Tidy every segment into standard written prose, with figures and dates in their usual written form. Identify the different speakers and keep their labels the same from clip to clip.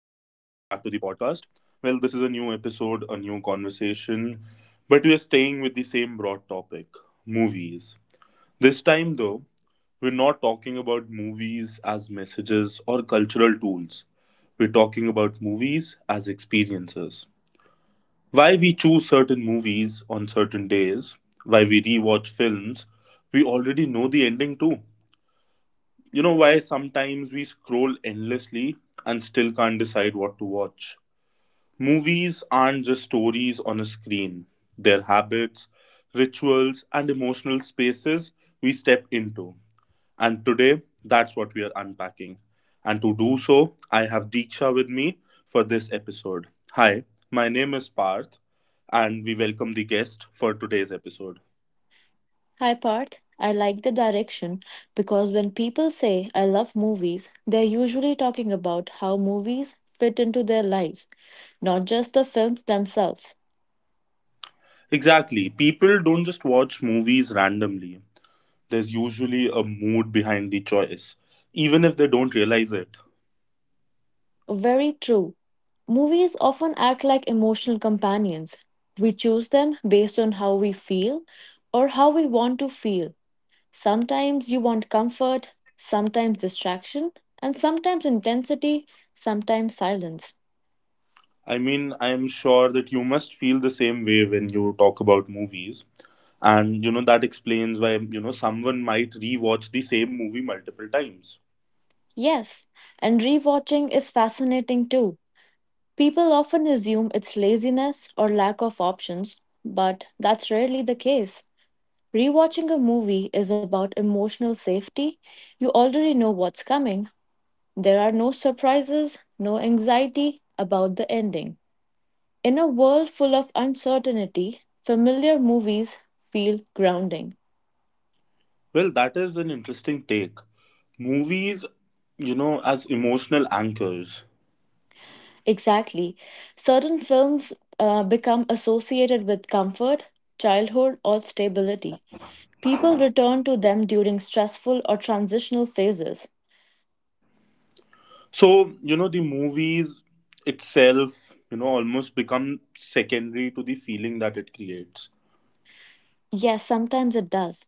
Speaker 1: to the podcast. Well, this is a new episode, a new conversation, but we are staying with the same broad topic, movies. This time, though, we're not talking about movies as messages or cultural tools. We're talking about movies as experiences. Why we choose certain movies on certain days, why we rewatch films, we already know the ending too. You know why sometimes we scroll endlessly and still can't decide what to watch? Movies aren't just stories on a screen, they're habits, rituals, and emotional spaces we step into. And today, that's what we are unpacking. And to do so, I have Deeksha with me for this episode. Hi, my name is Parth, and we welcome the guest for today's episode.
Speaker 2: Hi Parth, I like the direction because when people say I love movies, they're usually talking about how movies fit into their lives, not just the films themselves.
Speaker 1: Exactly. People don't just watch movies randomly. There's usually a mood behind the choice, even if they don't realize it.
Speaker 2: Very true. Movies often act like emotional companions. We choose them based on how we feel or how we want to feel. Sometimes you want comfort, sometimes distraction, and sometimes intensity, sometimes silence.
Speaker 1: I mean, I'm sure that you must feel the same way when you talk about movies. And, that explains why, someone might rewatch the same movie multiple times.
Speaker 2: Yes, and rewatching is fascinating too. People often assume it's laziness or lack of options, but that's rarely the case. Rewatching a movie is about emotional safety. You already know what's coming. There are no surprises, no anxiety about the ending. In a world full of uncertainty, familiar movies feel grounding.
Speaker 1: Well, that is an interesting take. Movies, as emotional anchors.
Speaker 2: Exactly. Certain films become associated with comfort, childhood, or stability. People return to them during stressful or transitional phases.
Speaker 1: So, the movies itself, almost become secondary to the feeling that it creates.
Speaker 2: Yes, sometimes it does.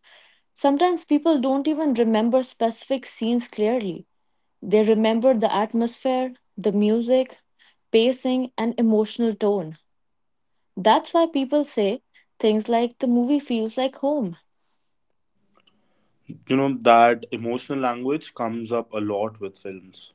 Speaker 2: Sometimes people don't even remember specific scenes clearly. They remember the atmosphere, the music, pacing, and emotional tone. That's why people say things like the movie feels like home.
Speaker 1: That emotional language comes up a lot with films.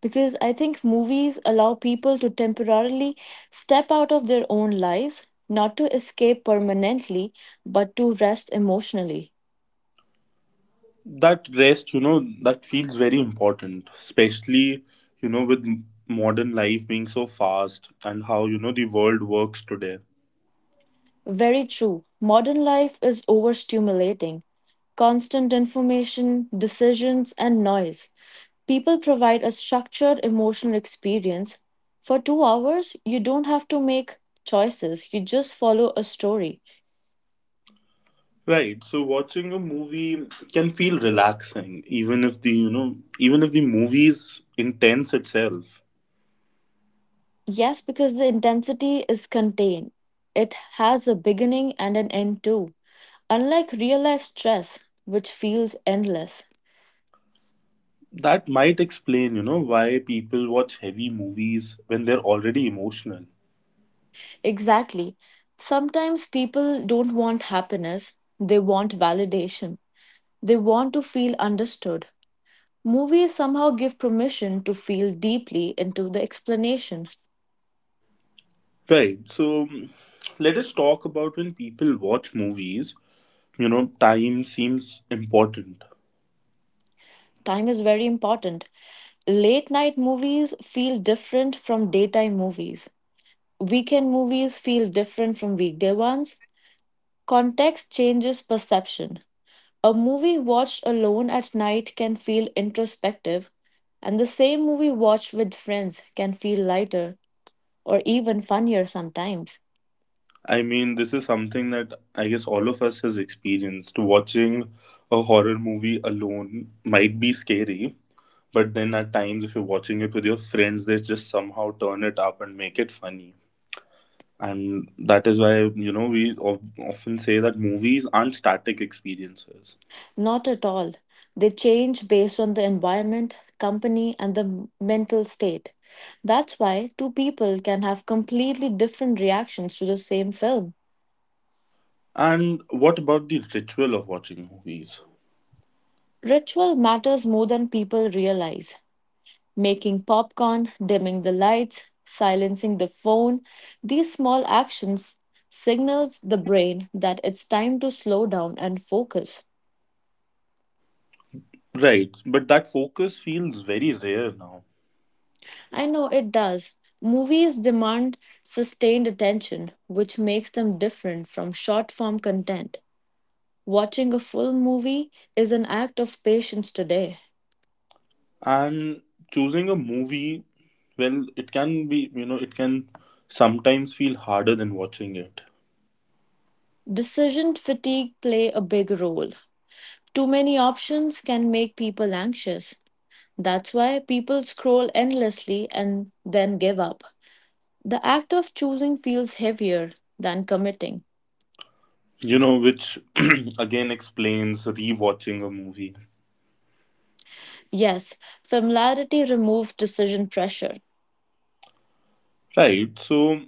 Speaker 2: Because I think movies allow people to temporarily step out of their own lives, not to escape permanently, but to rest emotionally.
Speaker 1: That rest you know that feels very important, especially with modern life being so fast, and how the world works today.
Speaker 2: Very true. Modern life is overstimulating, constant information, decisions, and noise. People provide a structured emotional experience. For 2 hours, you don't have to make choices, you just follow a story.
Speaker 1: Right, so watching a movie can feel relaxing, even if the movie is intense itself.
Speaker 2: Yes, because the intensity is contained. It has a beginning and an end too. Unlike real life stress, which feels endless.
Speaker 1: That might explain why people watch heavy movies when they're already emotional.
Speaker 2: Exactly. Sometimes people don't want happiness, they want validation. They want to feel understood. Movies somehow give permission to feel deeply into the explanation.
Speaker 1: Right. So, let us talk about when people watch movies, time seems important.
Speaker 2: Time is very important. Late night movies feel different from daytime movies. Weekend movies feel different from weekday ones. Context changes perception. A movie watched alone at night can feel introspective, and the same movie watched with friends can feel lighter or even funnier sometimes.
Speaker 1: I mean, this is something that I guess all of us has experienced. Watching a horror movie alone might be scary, but then at times if you're watching it with your friends, they just somehow turn it up and make it funny. And that is why, we often say that movies aren't static experiences.
Speaker 2: Not at all. They change based on the environment, company, and the mental state. That's why two people can have completely different reactions to the same film.
Speaker 1: And what about the ritual of watching movies?
Speaker 2: Ritual matters more than people realize. Making popcorn, dimming the lights, silencing the phone, these small actions signals the brain that it's time to slow down and focus.
Speaker 1: Right, but that focus feels very rare now.
Speaker 2: I know it does. Movies demand sustained attention, which makes them different from short form content. Watching a full movie is an act of patience today.
Speaker 1: And choosing a movie, well, it can be, you know, it can sometimes feel harder than watching it.
Speaker 2: Decision fatigue play a big role. Too many options can make people anxious. That's why people scroll endlessly and then give up. The act of choosing feels heavier than committing.
Speaker 1: Which again explains rewatching a movie.
Speaker 2: Yes, familiarity removes decision pressure.
Speaker 1: Right, so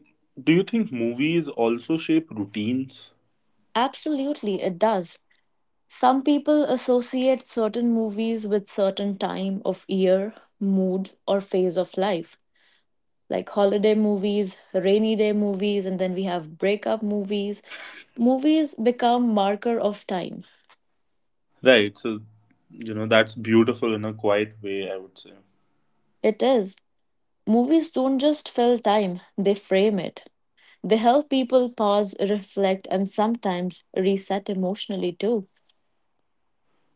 Speaker 1: do you think movies also shape routines?
Speaker 2: Absolutely, it does. Some people associate certain movies with certain time of year, mood, or phase of life, like holiday movies, rainy day movies, and then we have breakup movies. Movies become marker of time.
Speaker 1: Right, so, that's beautiful in a quiet way, I would say.
Speaker 2: It is. Movies don't just fill time, they frame it. They help people pause, reflect, and sometimes reset emotionally too.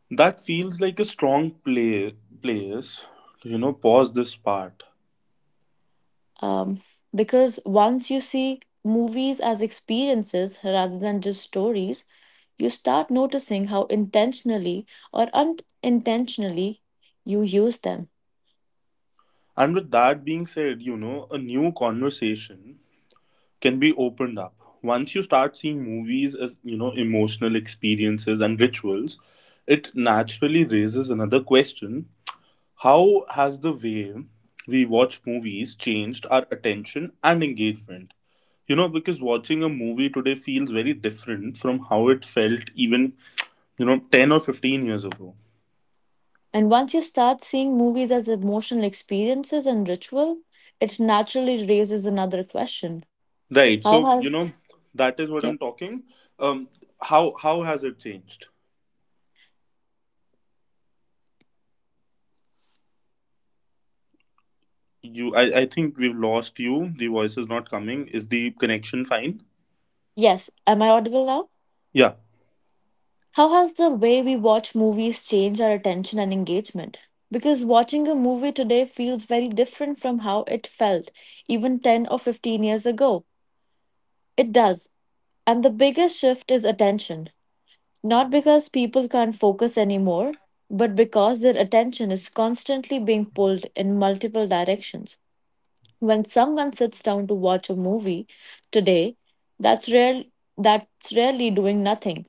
Speaker 1: That feels like a strong play place. Pause this part.
Speaker 2: Um, because once you see movies as experiences rather than just stories, you start noticing how intentionally or unintentionally you use them.
Speaker 1: And with that being said, a new conversation can be opened up. Once you start seeing movies as, emotional experiences and rituals, it naturally raises another question. How has the way we watch movies changed our attention and engagement? Because watching a movie today feels very different from how it felt even, 10 or 15 years ago.
Speaker 2: And once you start seeing movies as emotional experiences and ritual, it naturally raises another question.
Speaker 1: Right.
Speaker 2: How
Speaker 1: So,
Speaker 2: has.
Speaker 1: that is what
Speaker 2: Yeah.
Speaker 1: I'm talking. Um, how has it changed? I think we've lost you. The voice is not coming. Is the connection fine?
Speaker 2: Yes, am I audible now?
Speaker 1: Yeah.
Speaker 2: How has the way we watch movies changed our attention and engagement? Because watching a movie today feels very different from how it felt even 10 or 15 years ago. It does. And the biggest shift is attention. Not because people can't focus anymore, but because their attention is constantly being pulled in multiple directions. When someone sits down to watch a movie today, that's rare that's rarely doing nothing.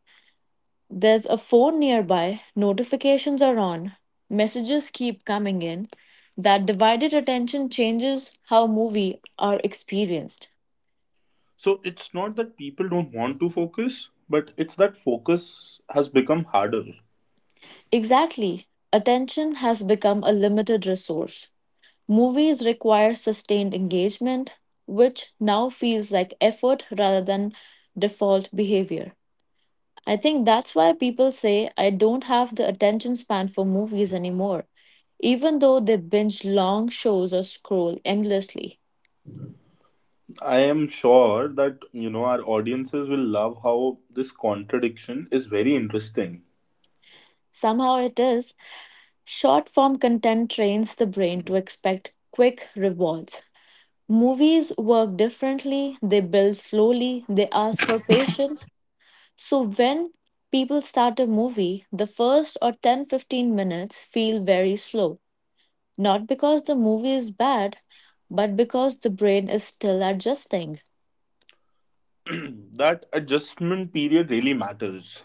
Speaker 2: There's a phone nearby, notifications are on, messages keep coming in. That divided attention changes how movies are experienced.
Speaker 1: So it's not that people don't want to focus, but it's that focus has become harder.
Speaker 2: Exactly, attention has become a limited resource. Movies require sustained engagement, which now feels like effort rather than default behavior. I think that's why people say I don't have the attention span for movies anymore, even though they binge long shows or scroll endlessly.
Speaker 1: I am sure that, our audiences will love how this contradiction is very interesting.
Speaker 2: Somehow it is, short form content trains the brain to expect quick rewards. Movies work differently, they build slowly, they ask for patience. So when people start a movie, the first or 10, 15 minutes feel very slow. Not because the movie is bad, but because the brain is still adjusting
Speaker 1: That adjustment period really matters.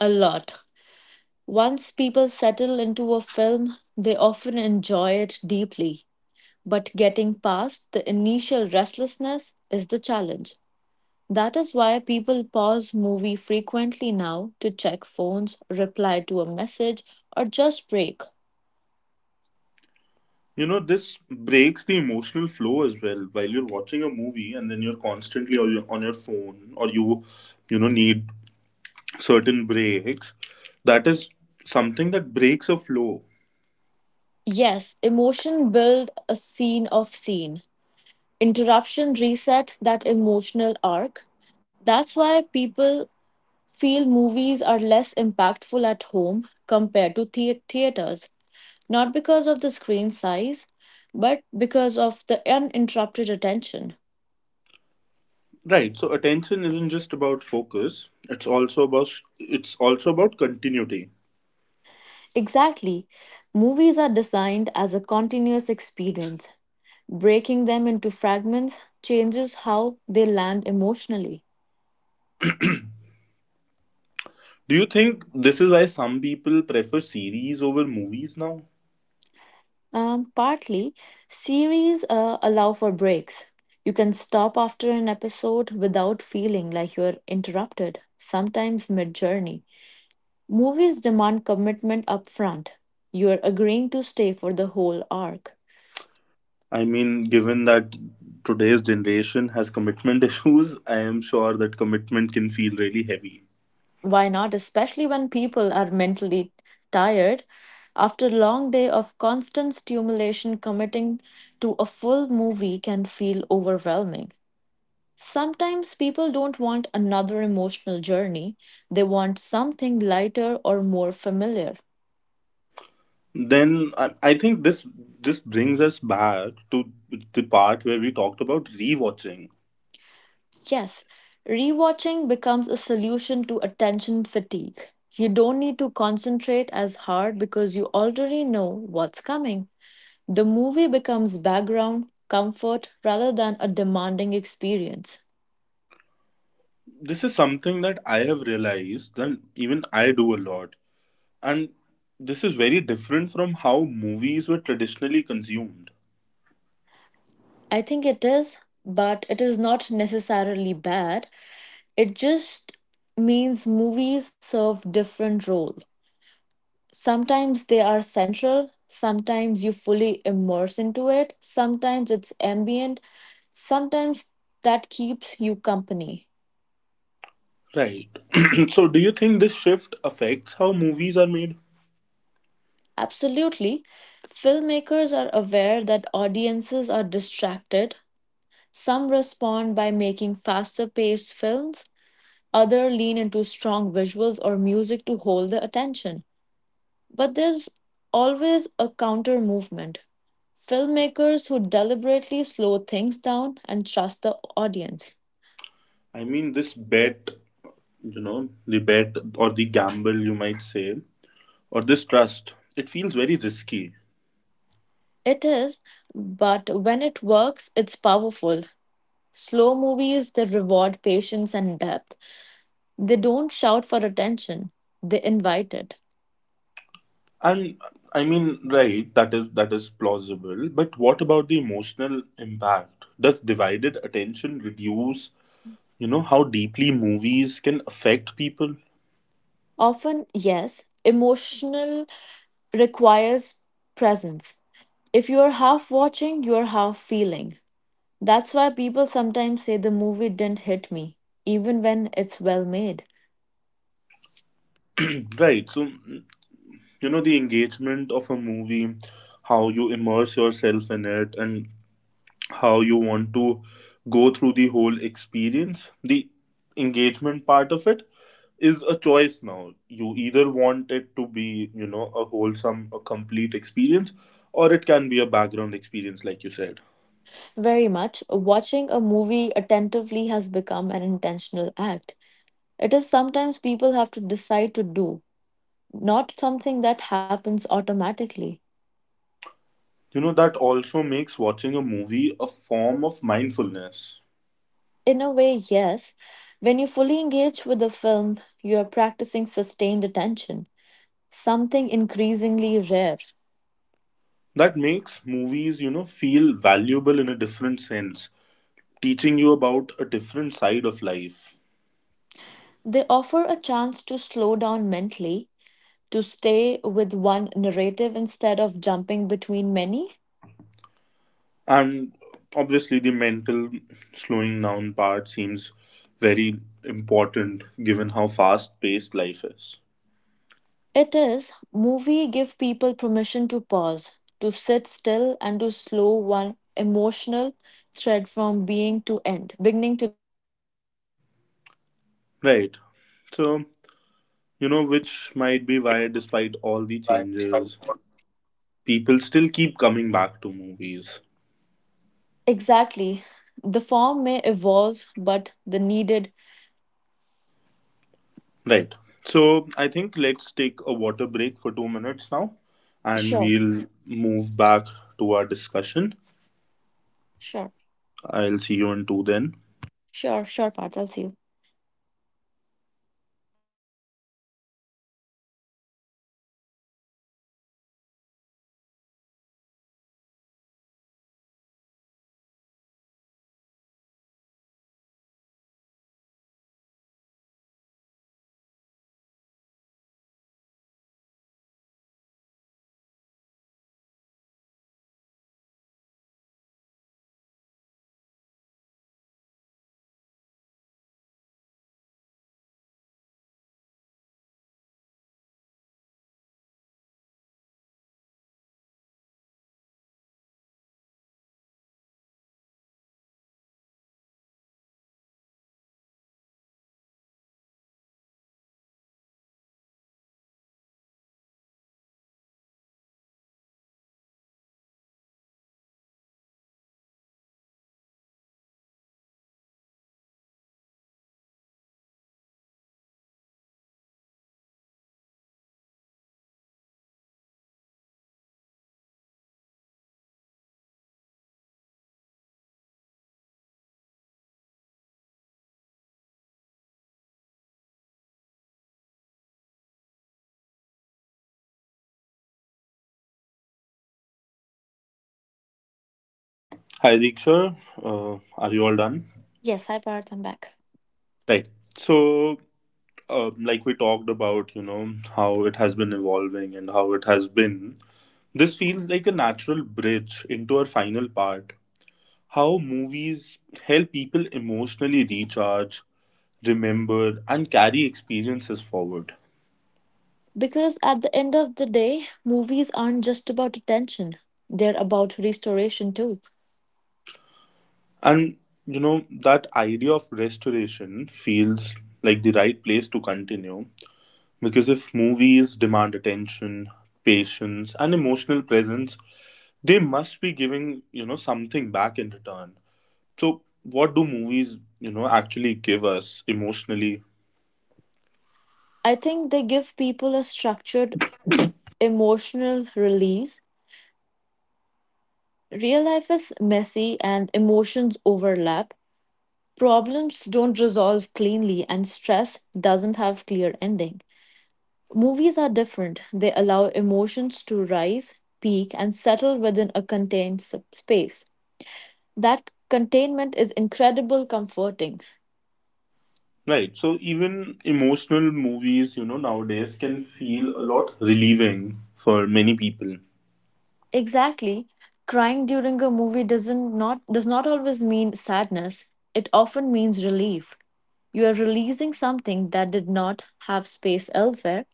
Speaker 2: a lot. Once people settle into a film, they often enjoy it deeply. But getting past the initial restlessness is the challenge. That is why people pause movie frequently now to check phones, reply to a message, or just break.
Speaker 1: This breaks the emotional flow as well. While you're watching a movie and then you're constantly on your, phone, or you, need certain breaks, that is something that breaks a flow.
Speaker 2: Yes, emotion build a scene of scene. Interruption reset that emotional arc. That's why people feel movies are less impactful at home compared to theaters, not because of the screen size, but because of the uninterrupted attention.
Speaker 1: Right, so attention isn't just about focus, it's also about continuity.
Speaker 2: Exactly. Movies are designed as a continuous experience. Breaking them into fragments changes how they land emotionally.
Speaker 1: Do you think this is why some people prefer series over movies now?
Speaker 2: Partly, series allow for breaks. You can stop after an episode without feeling like you're interrupted, sometimes mid journey. Movies demand commitment up front. You're agreeing to stay for the whole arc.
Speaker 1: I mean, given that today's generation has commitment issues, I am sure that commitment can feel really heavy.
Speaker 2: Why not, especially when people are mentally tired? After a long day of constant stimulation, committing to a full movie can feel overwhelming. Sometimes people don't want another emotional journey, they want something lighter or more familiar.
Speaker 1: Then, I think this just brings us back to the part where we talked about rewatching.
Speaker 2: Yes, rewatching becomes a solution to attention fatigue. You don't need to concentrate as hard because you already know what's coming. The movie becomes background, comfort, rather than a demanding experience.
Speaker 1: This is something that I have realized that even I do a lot. And this is very different from how movies were traditionally consumed.
Speaker 2: I think it is, but it is not necessarily bad. It just means movies serve different role. Sometimes they are central, sometimes you fully immerse into it, sometimes it's ambient, sometimes that keeps you company.
Speaker 1: Right. So, do you think this shift affects how movies are made?
Speaker 2: Absolutely. Filmmakers are aware that audiences are distracted. Some respond by making faster paced films, others lean into strong visuals or music to hold the attention. But there's always a counter movement. Filmmakers who deliberately slow things down and trust the audience.
Speaker 1: I mean, this bet, the bet or the gamble, you might say, or this trust, it feels very risky.
Speaker 2: It is, but when it works, it's powerful. Slow movies, they reward patience and depth. They don't shout for attention, they invite it.
Speaker 1: And I mean, right, that is plausible. But what about the emotional impact? Does divided attention reduce, how deeply movies can affect people?
Speaker 2: Often, yes, emotional requires presence. If you're half watching, you're half feeling. That's why people sometimes say the movie didn't hit me, even when it's well made.
Speaker 1: Right, so, the engagement of a movie, how you immerse yourself in it, and how you want to go through the whole experience, the engagement part of it is a choice now. You either want it to be, a complete experience, or it can be a background experience like you said.
Speaker 2: Very much, watching a movie attentively has become an intentional act. It is sometimes people have to decide to do, not something that happens automatically.
Speaker 1: That also makes watching a movie a form of mindfulness.
Speaker 2: In a way, yes, when you fully engage with the film, you are practicing sustained attention, something increasingly rare.
Speaker 1: That makes movies, feel valuable in a different sense, teaching you about a different side of life.
Speaker 2: They offer a chance to slow down mentally to stay with one narrative instead of jumping between many?
Speaker 1: And obviously the mental slowing down part seems very important, given how fast paced life is.
Speaker 2: It is movie give people permission to pause, to sit still and to slow one emotional thread from being to end, beginning to
Speaker 1: Right, so, which might be why, despite all the changes, people still keep coming back to movies.
Speaker 3: Exactly. The form may evolve, but the needed.
Speaker 1: Right. So I think let's take a water break for 2 minutes now, and
Speaker 3: Sure,
Speaker 1: we'll move back to our discussion.
Speaker 3: sure,
Speaker 1: I'll see you in two then.
Speaker 3: sure, sure, Parth. I'll see you.
Speaker 1: Hi, Diksha. Are you all done?
Speaker 3: Yes, hi, Parth. I'm back.
Speaker 1: Right. So, like we talked about, how it has been evolving, and how it has been, this feels like a natural bridge into our final part. How movies help people emotionally recharge, remember, and carry experiences forward.
Speaker 3: Because at the end of the day, movies aren't just about attention, they're about restoration too.
Speaker 1: And that idea of restoration feels like the right place to continue, because if movies demand attention, patience, and emotional presence, they must be giving, something back in return. So, what do movies, actually give us emotionally?
Speaker 3: I think they give people a structured emotional release. Real life is messy and emotions overlap. Problems don't resolve cleanly, and stress doesn't have clear ending. Movies are different. They allow emotions to rise, peak, and settle within a contained space. That containment is incredible comforting.
Speaker 1: Right. So, even emotional movies, nowadays can feel a lot relieving for many people.
Speaker 3: Exactly. Crying during a movie does not always mean sadness. It often means relief. You are releasing something that did not have space elsewhere.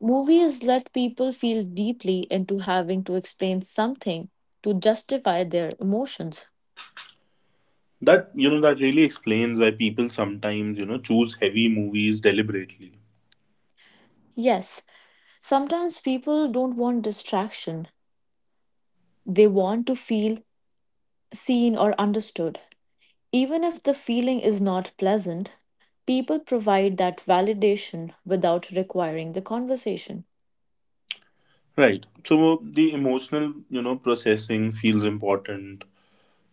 Speaker 3: Movies let people feel deeply into having to explain something to justify their emotions.
Speaker 1: That you know that really explains why people sometimes choose heavy movies deliberately.
Speaker 3: Yes, sometimes people don't want distraction, they want to feel seen or understood. Even if the feeling is not pleasant, people provide that validation without requiring the conversation.
Speaker 1: Right. So the emotional, processing feels important,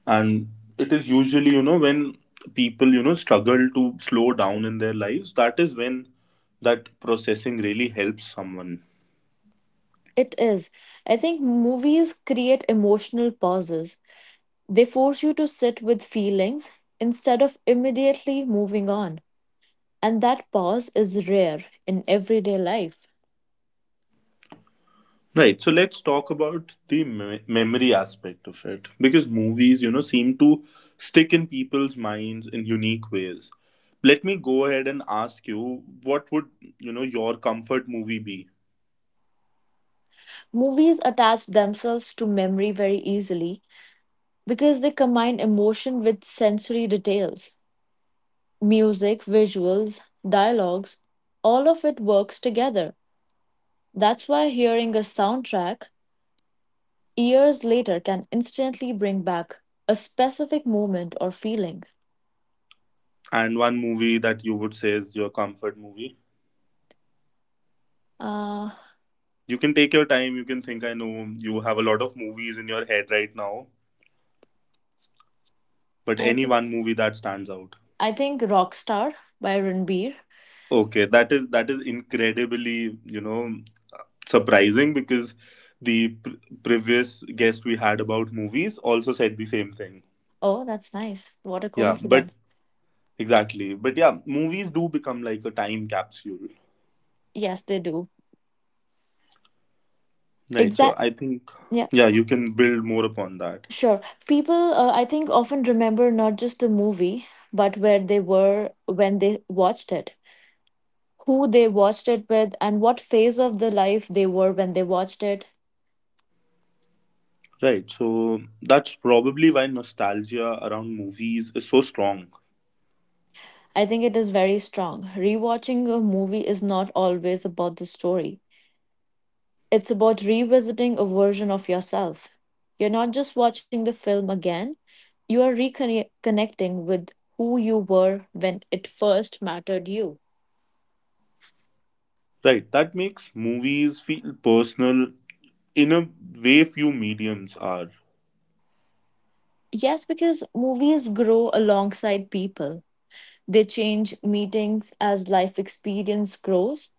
Speaker 1: and it is usually, when people, struggle to slow down in their lives. That is when that processing really helps someone.
Speaker 3: It is. I think movies create emotional pauses. They force you to sit with feelings instead of immediately moving on. And that pause is rare in everyday life.
Speaker 1: Right. So let's talk about the memory aspect of it, because movies, seem to stick in people's minds in unique ways. Let me go ahead and ask you, what would, your comfort movie be?
Speaker 3: Movies attach themselves to memory very easily because they combine emotion with sensory details, music, visuals, dialogues, all of it works together. That's why hearing a soundtrack years later can instantly bring back a specific moment or feeling.
Speaker 1: And one movie that you would say is your comfort movie.
Speaker 3: Uh,
Speaker 1: You can take your time, you can think. I know you have a lot of movies in your head right now, but
Speaker 3: I
Speaker 1: any
Speaker 3: think
Speaker 1: one movie that stands out.
Speaker 3: I think Rockstar by Ranbir.
Speaker 1: Okay, that is incredibly, surprising, because the previous guest we had about movies also said the same thing.
Speaker 3: Oh, that's nice. What a
Speaker 1: Yeah, but
Speaker 3: coincidence.
Speaker 1: exactly. But yeah, movies do become like a time capsule.
Speaker 3: Yes, they do.
Speaker 1: Right. So
Speaker 3: Exact.
Speaker 1: I think,
Speaker 3: Yeah.
Speaker 1: yeah, you can build more upon that.
Speaker 3: Sure. People, I think, often remember not just the movie, but where they were when they watched it, who they watched it with, and what phase of the life they were when they watched it.
Speaker 1: Right. So that's probably why nostalgia around movies is so strong.
Speaker 3: I think it is very strong. Rewatching a movie is not always about the story, it's about revisiting a version of yourself. You're not just watching the film again, you are reconnecting with who you were when it first mattered you.
Speaker 1: Right. That makes movies feel personal in a way few mediums are.
Speaker 3: Yes, because movies grow alongside people. They change meetings as life experience grows.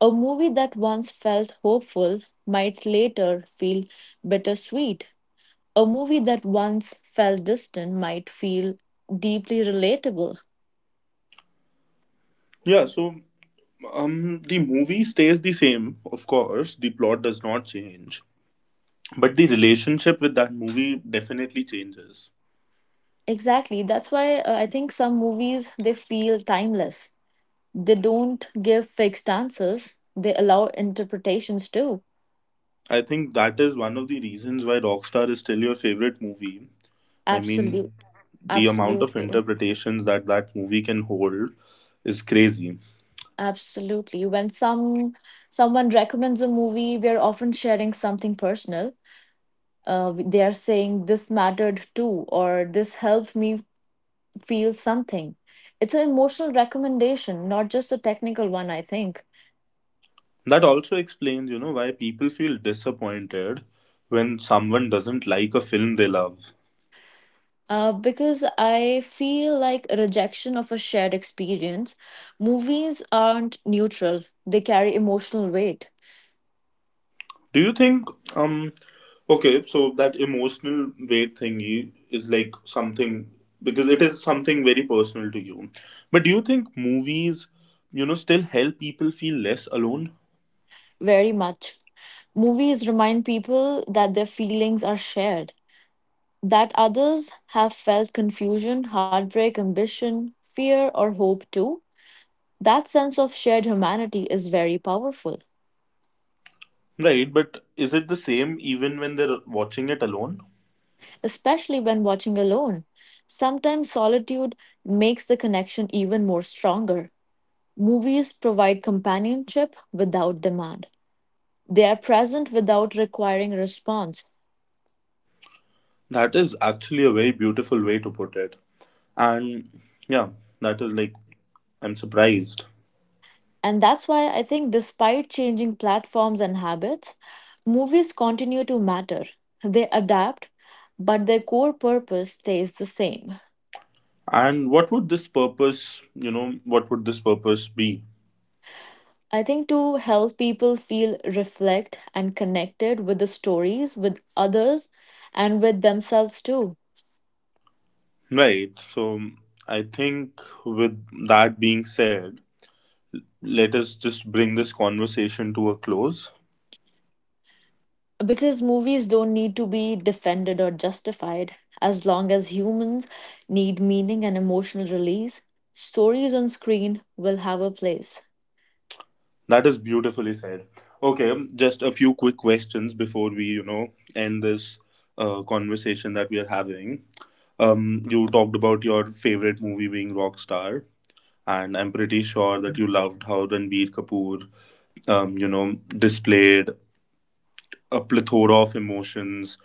Speaker 3: A movie that once felt hopeful might later feel bittersweet. A movie that once felt distant might feel deeply relatable.
Speaker 1: Yeah. So, the movie stays the same, of course. The plot does not change, but the relationship with that movie definitely changes.
Speaker 3: Exactly. That's why I think some movies they feel timeless. They don't give fixed answers. They allow interpretations too.
Speaker 1: I think that is one of the reasons why Rockstar is still your favorite movie. I mean,
Speaker 3: Absolute.
Speaker 1: the amount of
Speaker 3: Absolutely.
Speaker 1: interpretations that that movie can hold is crazy.
Speaker 3: Absolutely. When someone recommends a movie, we are often sharing something personal. They are saying this mattered too, or this helped me feel something. It's an emotional recommendation, not just a technical one, I think.
Speaker 1: That also explains, why people feel disappointed when someone doesn't like a film they love.
Speaker 3: Because I feel like a rejection of a shared experience. Movies aren't neutral, they carry emotional weight
Speaker 1: Do you think um okay, so that emotional weight thingy is like something, because it is something very personal to you. But do you think movies, still help people feel less alone?
Speaker 3: very much. Movies remind people that their feelings are shared, that others have felt confusion, heartbreak, ambition, fear, or hope too. That sense of shared humanity is very powerful,
Speaker 1: Right, but is it the same even when they're watching it alone?
Speaker 3: especially when watching alone. Sometimes solitude makes the connection even more stronger. Movies provide companionship without demand. They are present without requiring response.
Speaker 1: That is actually a very beautiful way to put it. And yeah, that is like, I'm surprised.
Speaker 3: And that's why I think, despite changing platforms and habits, movies continue to matter. They adapt, but their core purpose stays the same.
Speaker 1: And what would this purpose be?
Speaker 3: I think to help people feel reflect and connected with the stories, with others, and with themselves too.
Speaker 1: Right. So I think, with that being said, let us just bring this conversation to a close.
Speaker 3: Because movies don't need to be defended or justified. As long as humans need meaning and emotional release, stories on screen will have a place.
Speaker 1: That is beautifully said. Okay, just a few quick questions before we, end this, conversation that we are having. You talked about your favorite movie being Rockstar, and I'm pretty sure that you loved how Ranbir Kapoor, displayed a plethora of emotions,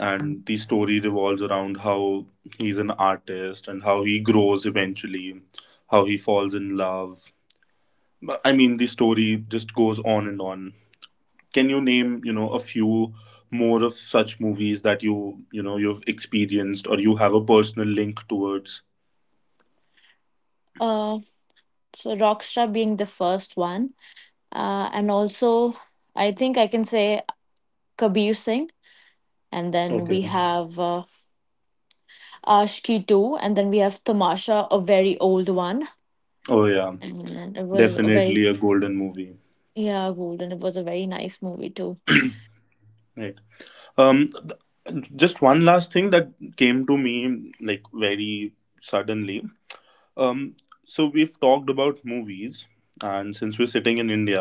Speaker 1: and the story revolves around how he's an artist and how he grows eventually, how he falls in love. But I mean, the story just goes on and on. Can you name, a few more of such movies that you've experienced, or you have a personal link towards?
Speaker 3: Uh, so Rockstar being the first one, and also I think I can say Kabir Singh, and then we
Speaker 1: Okay.
Speaker 3: have Ashki too, and then we have Tamasha, a very old one,
Speaker 1: Oh yeah,
Speaker 3: and it was a very
Speaker 1: definitely a golden movie.
Speaker 3: yeah golden. It was a very nice movie too.
Speaker 1: Right. um th- just one last thing that came to me, like, very suddenly. Um, so we've talked about movies, and since we're sitting in India,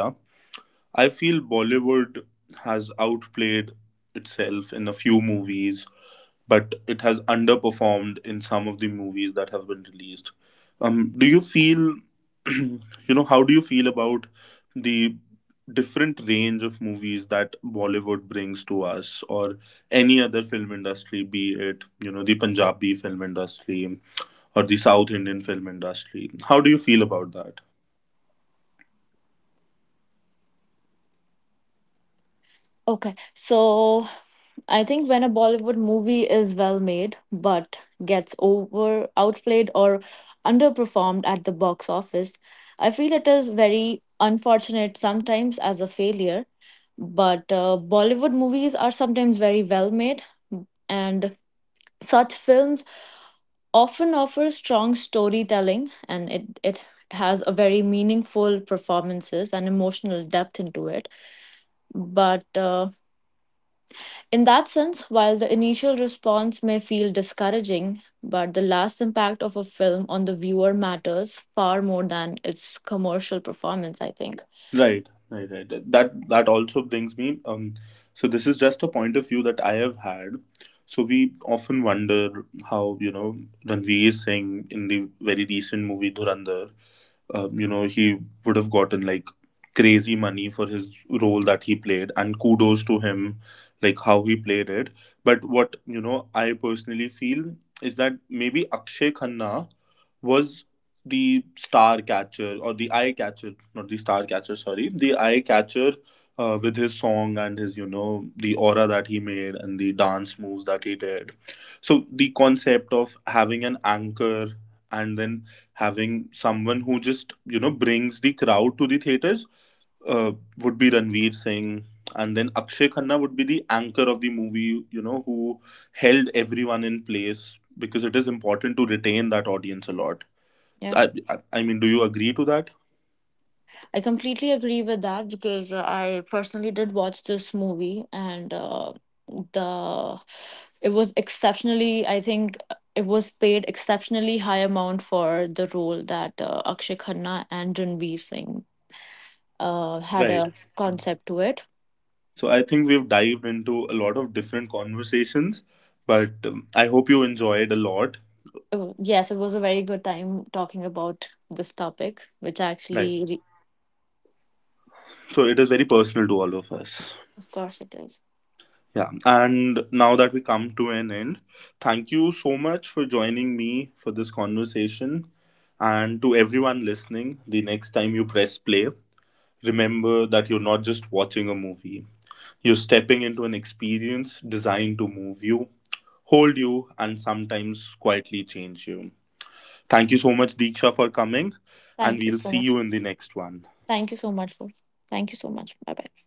Speaker 1: I feel Bollywood has outplayed itself in a few movies, but it has underperformed in some of the movies that have been released. Um, do you feel, you how do you feel about the different range of movies that Bollywood brings to us, or any other film industry, be it, the Punjabi film industry or the South Indian film industry? How do you feel about that?
Speaker 3: Okay, so I think when a Bollywood movie is well made but gets over outplayed or underperformed at the box office, I feel it is very unfortunate sometimes as a failure. But Bollywood movies are sometimes very well made and such films often offer strong storytelling and it has a very meaningful performances and emotional depth into it but in that sense, while the initial response may feel discouraging, but the last impact of a film on the viewer matters far more than its commercial performance, I think.
Speaker 1: Right, right, right. That also brings me. So this is just a point of view that I have had. So we often wonder how, Ranveer Singh in the very recent movie Dhurandhar, he would have gotten like crazy money for his role that he played, and kudos to him, like how he played it. But what, I personally feel is that maybe Akshay Khanna was the star catcher, or the eye catcher, not the star catcher, sorry, the eye catcher, with his song and his, the aura that he made and the dance moves that he did. So the concept of having an anchor, and then having someone who just, brings the crowd to the theaters, uh, would be Ranveer Singh, and then Akshay Khanna would be the anchor of the movie, who held everyone in place, because it is important to retain that audience a lot.
Speaker 3: Yeah,
Speaker 1: I mean, do you agree to that?
Speaker 3: I completely agree with that because I personally did watch this movie and the it was exceptionally, I think it was paid exceptionally high amount for the role that Akshay Khanna and Ranveer Singh had
Speaker 1: Right,
Speaker 3: a concept to it.
Speaker 1: so I think we've dived into a lot of different conversations, but, I hope you enjoyed a lot.
Speaker 3: Oh, yes, it was a very good time talking about this topic, which
Speaker 1: Right,
Speaker 3: actually, re-
Speaker 1: so it is very personal to all of us.
Speaker 3: of course, it is.
Speaker 1: Yeah, and now that we come to an end, thank you so much for joining me for this conversation. And to everyone listening, the next time you press play, remember that you're not just watching a movie, you're stepping into an experience designed to move you, hold you, and sometimes quietly change you. Thank you so much, Deeksha, for coming, and
Speaker 3: Thank you
Speaker 1: we'll
Speaker 3: so
Speaker 1: see
Speaker 3: much.
Speaker 1: you in the next one.
Speaker 3: Thank you so much for. Thank you so much. Bye bye.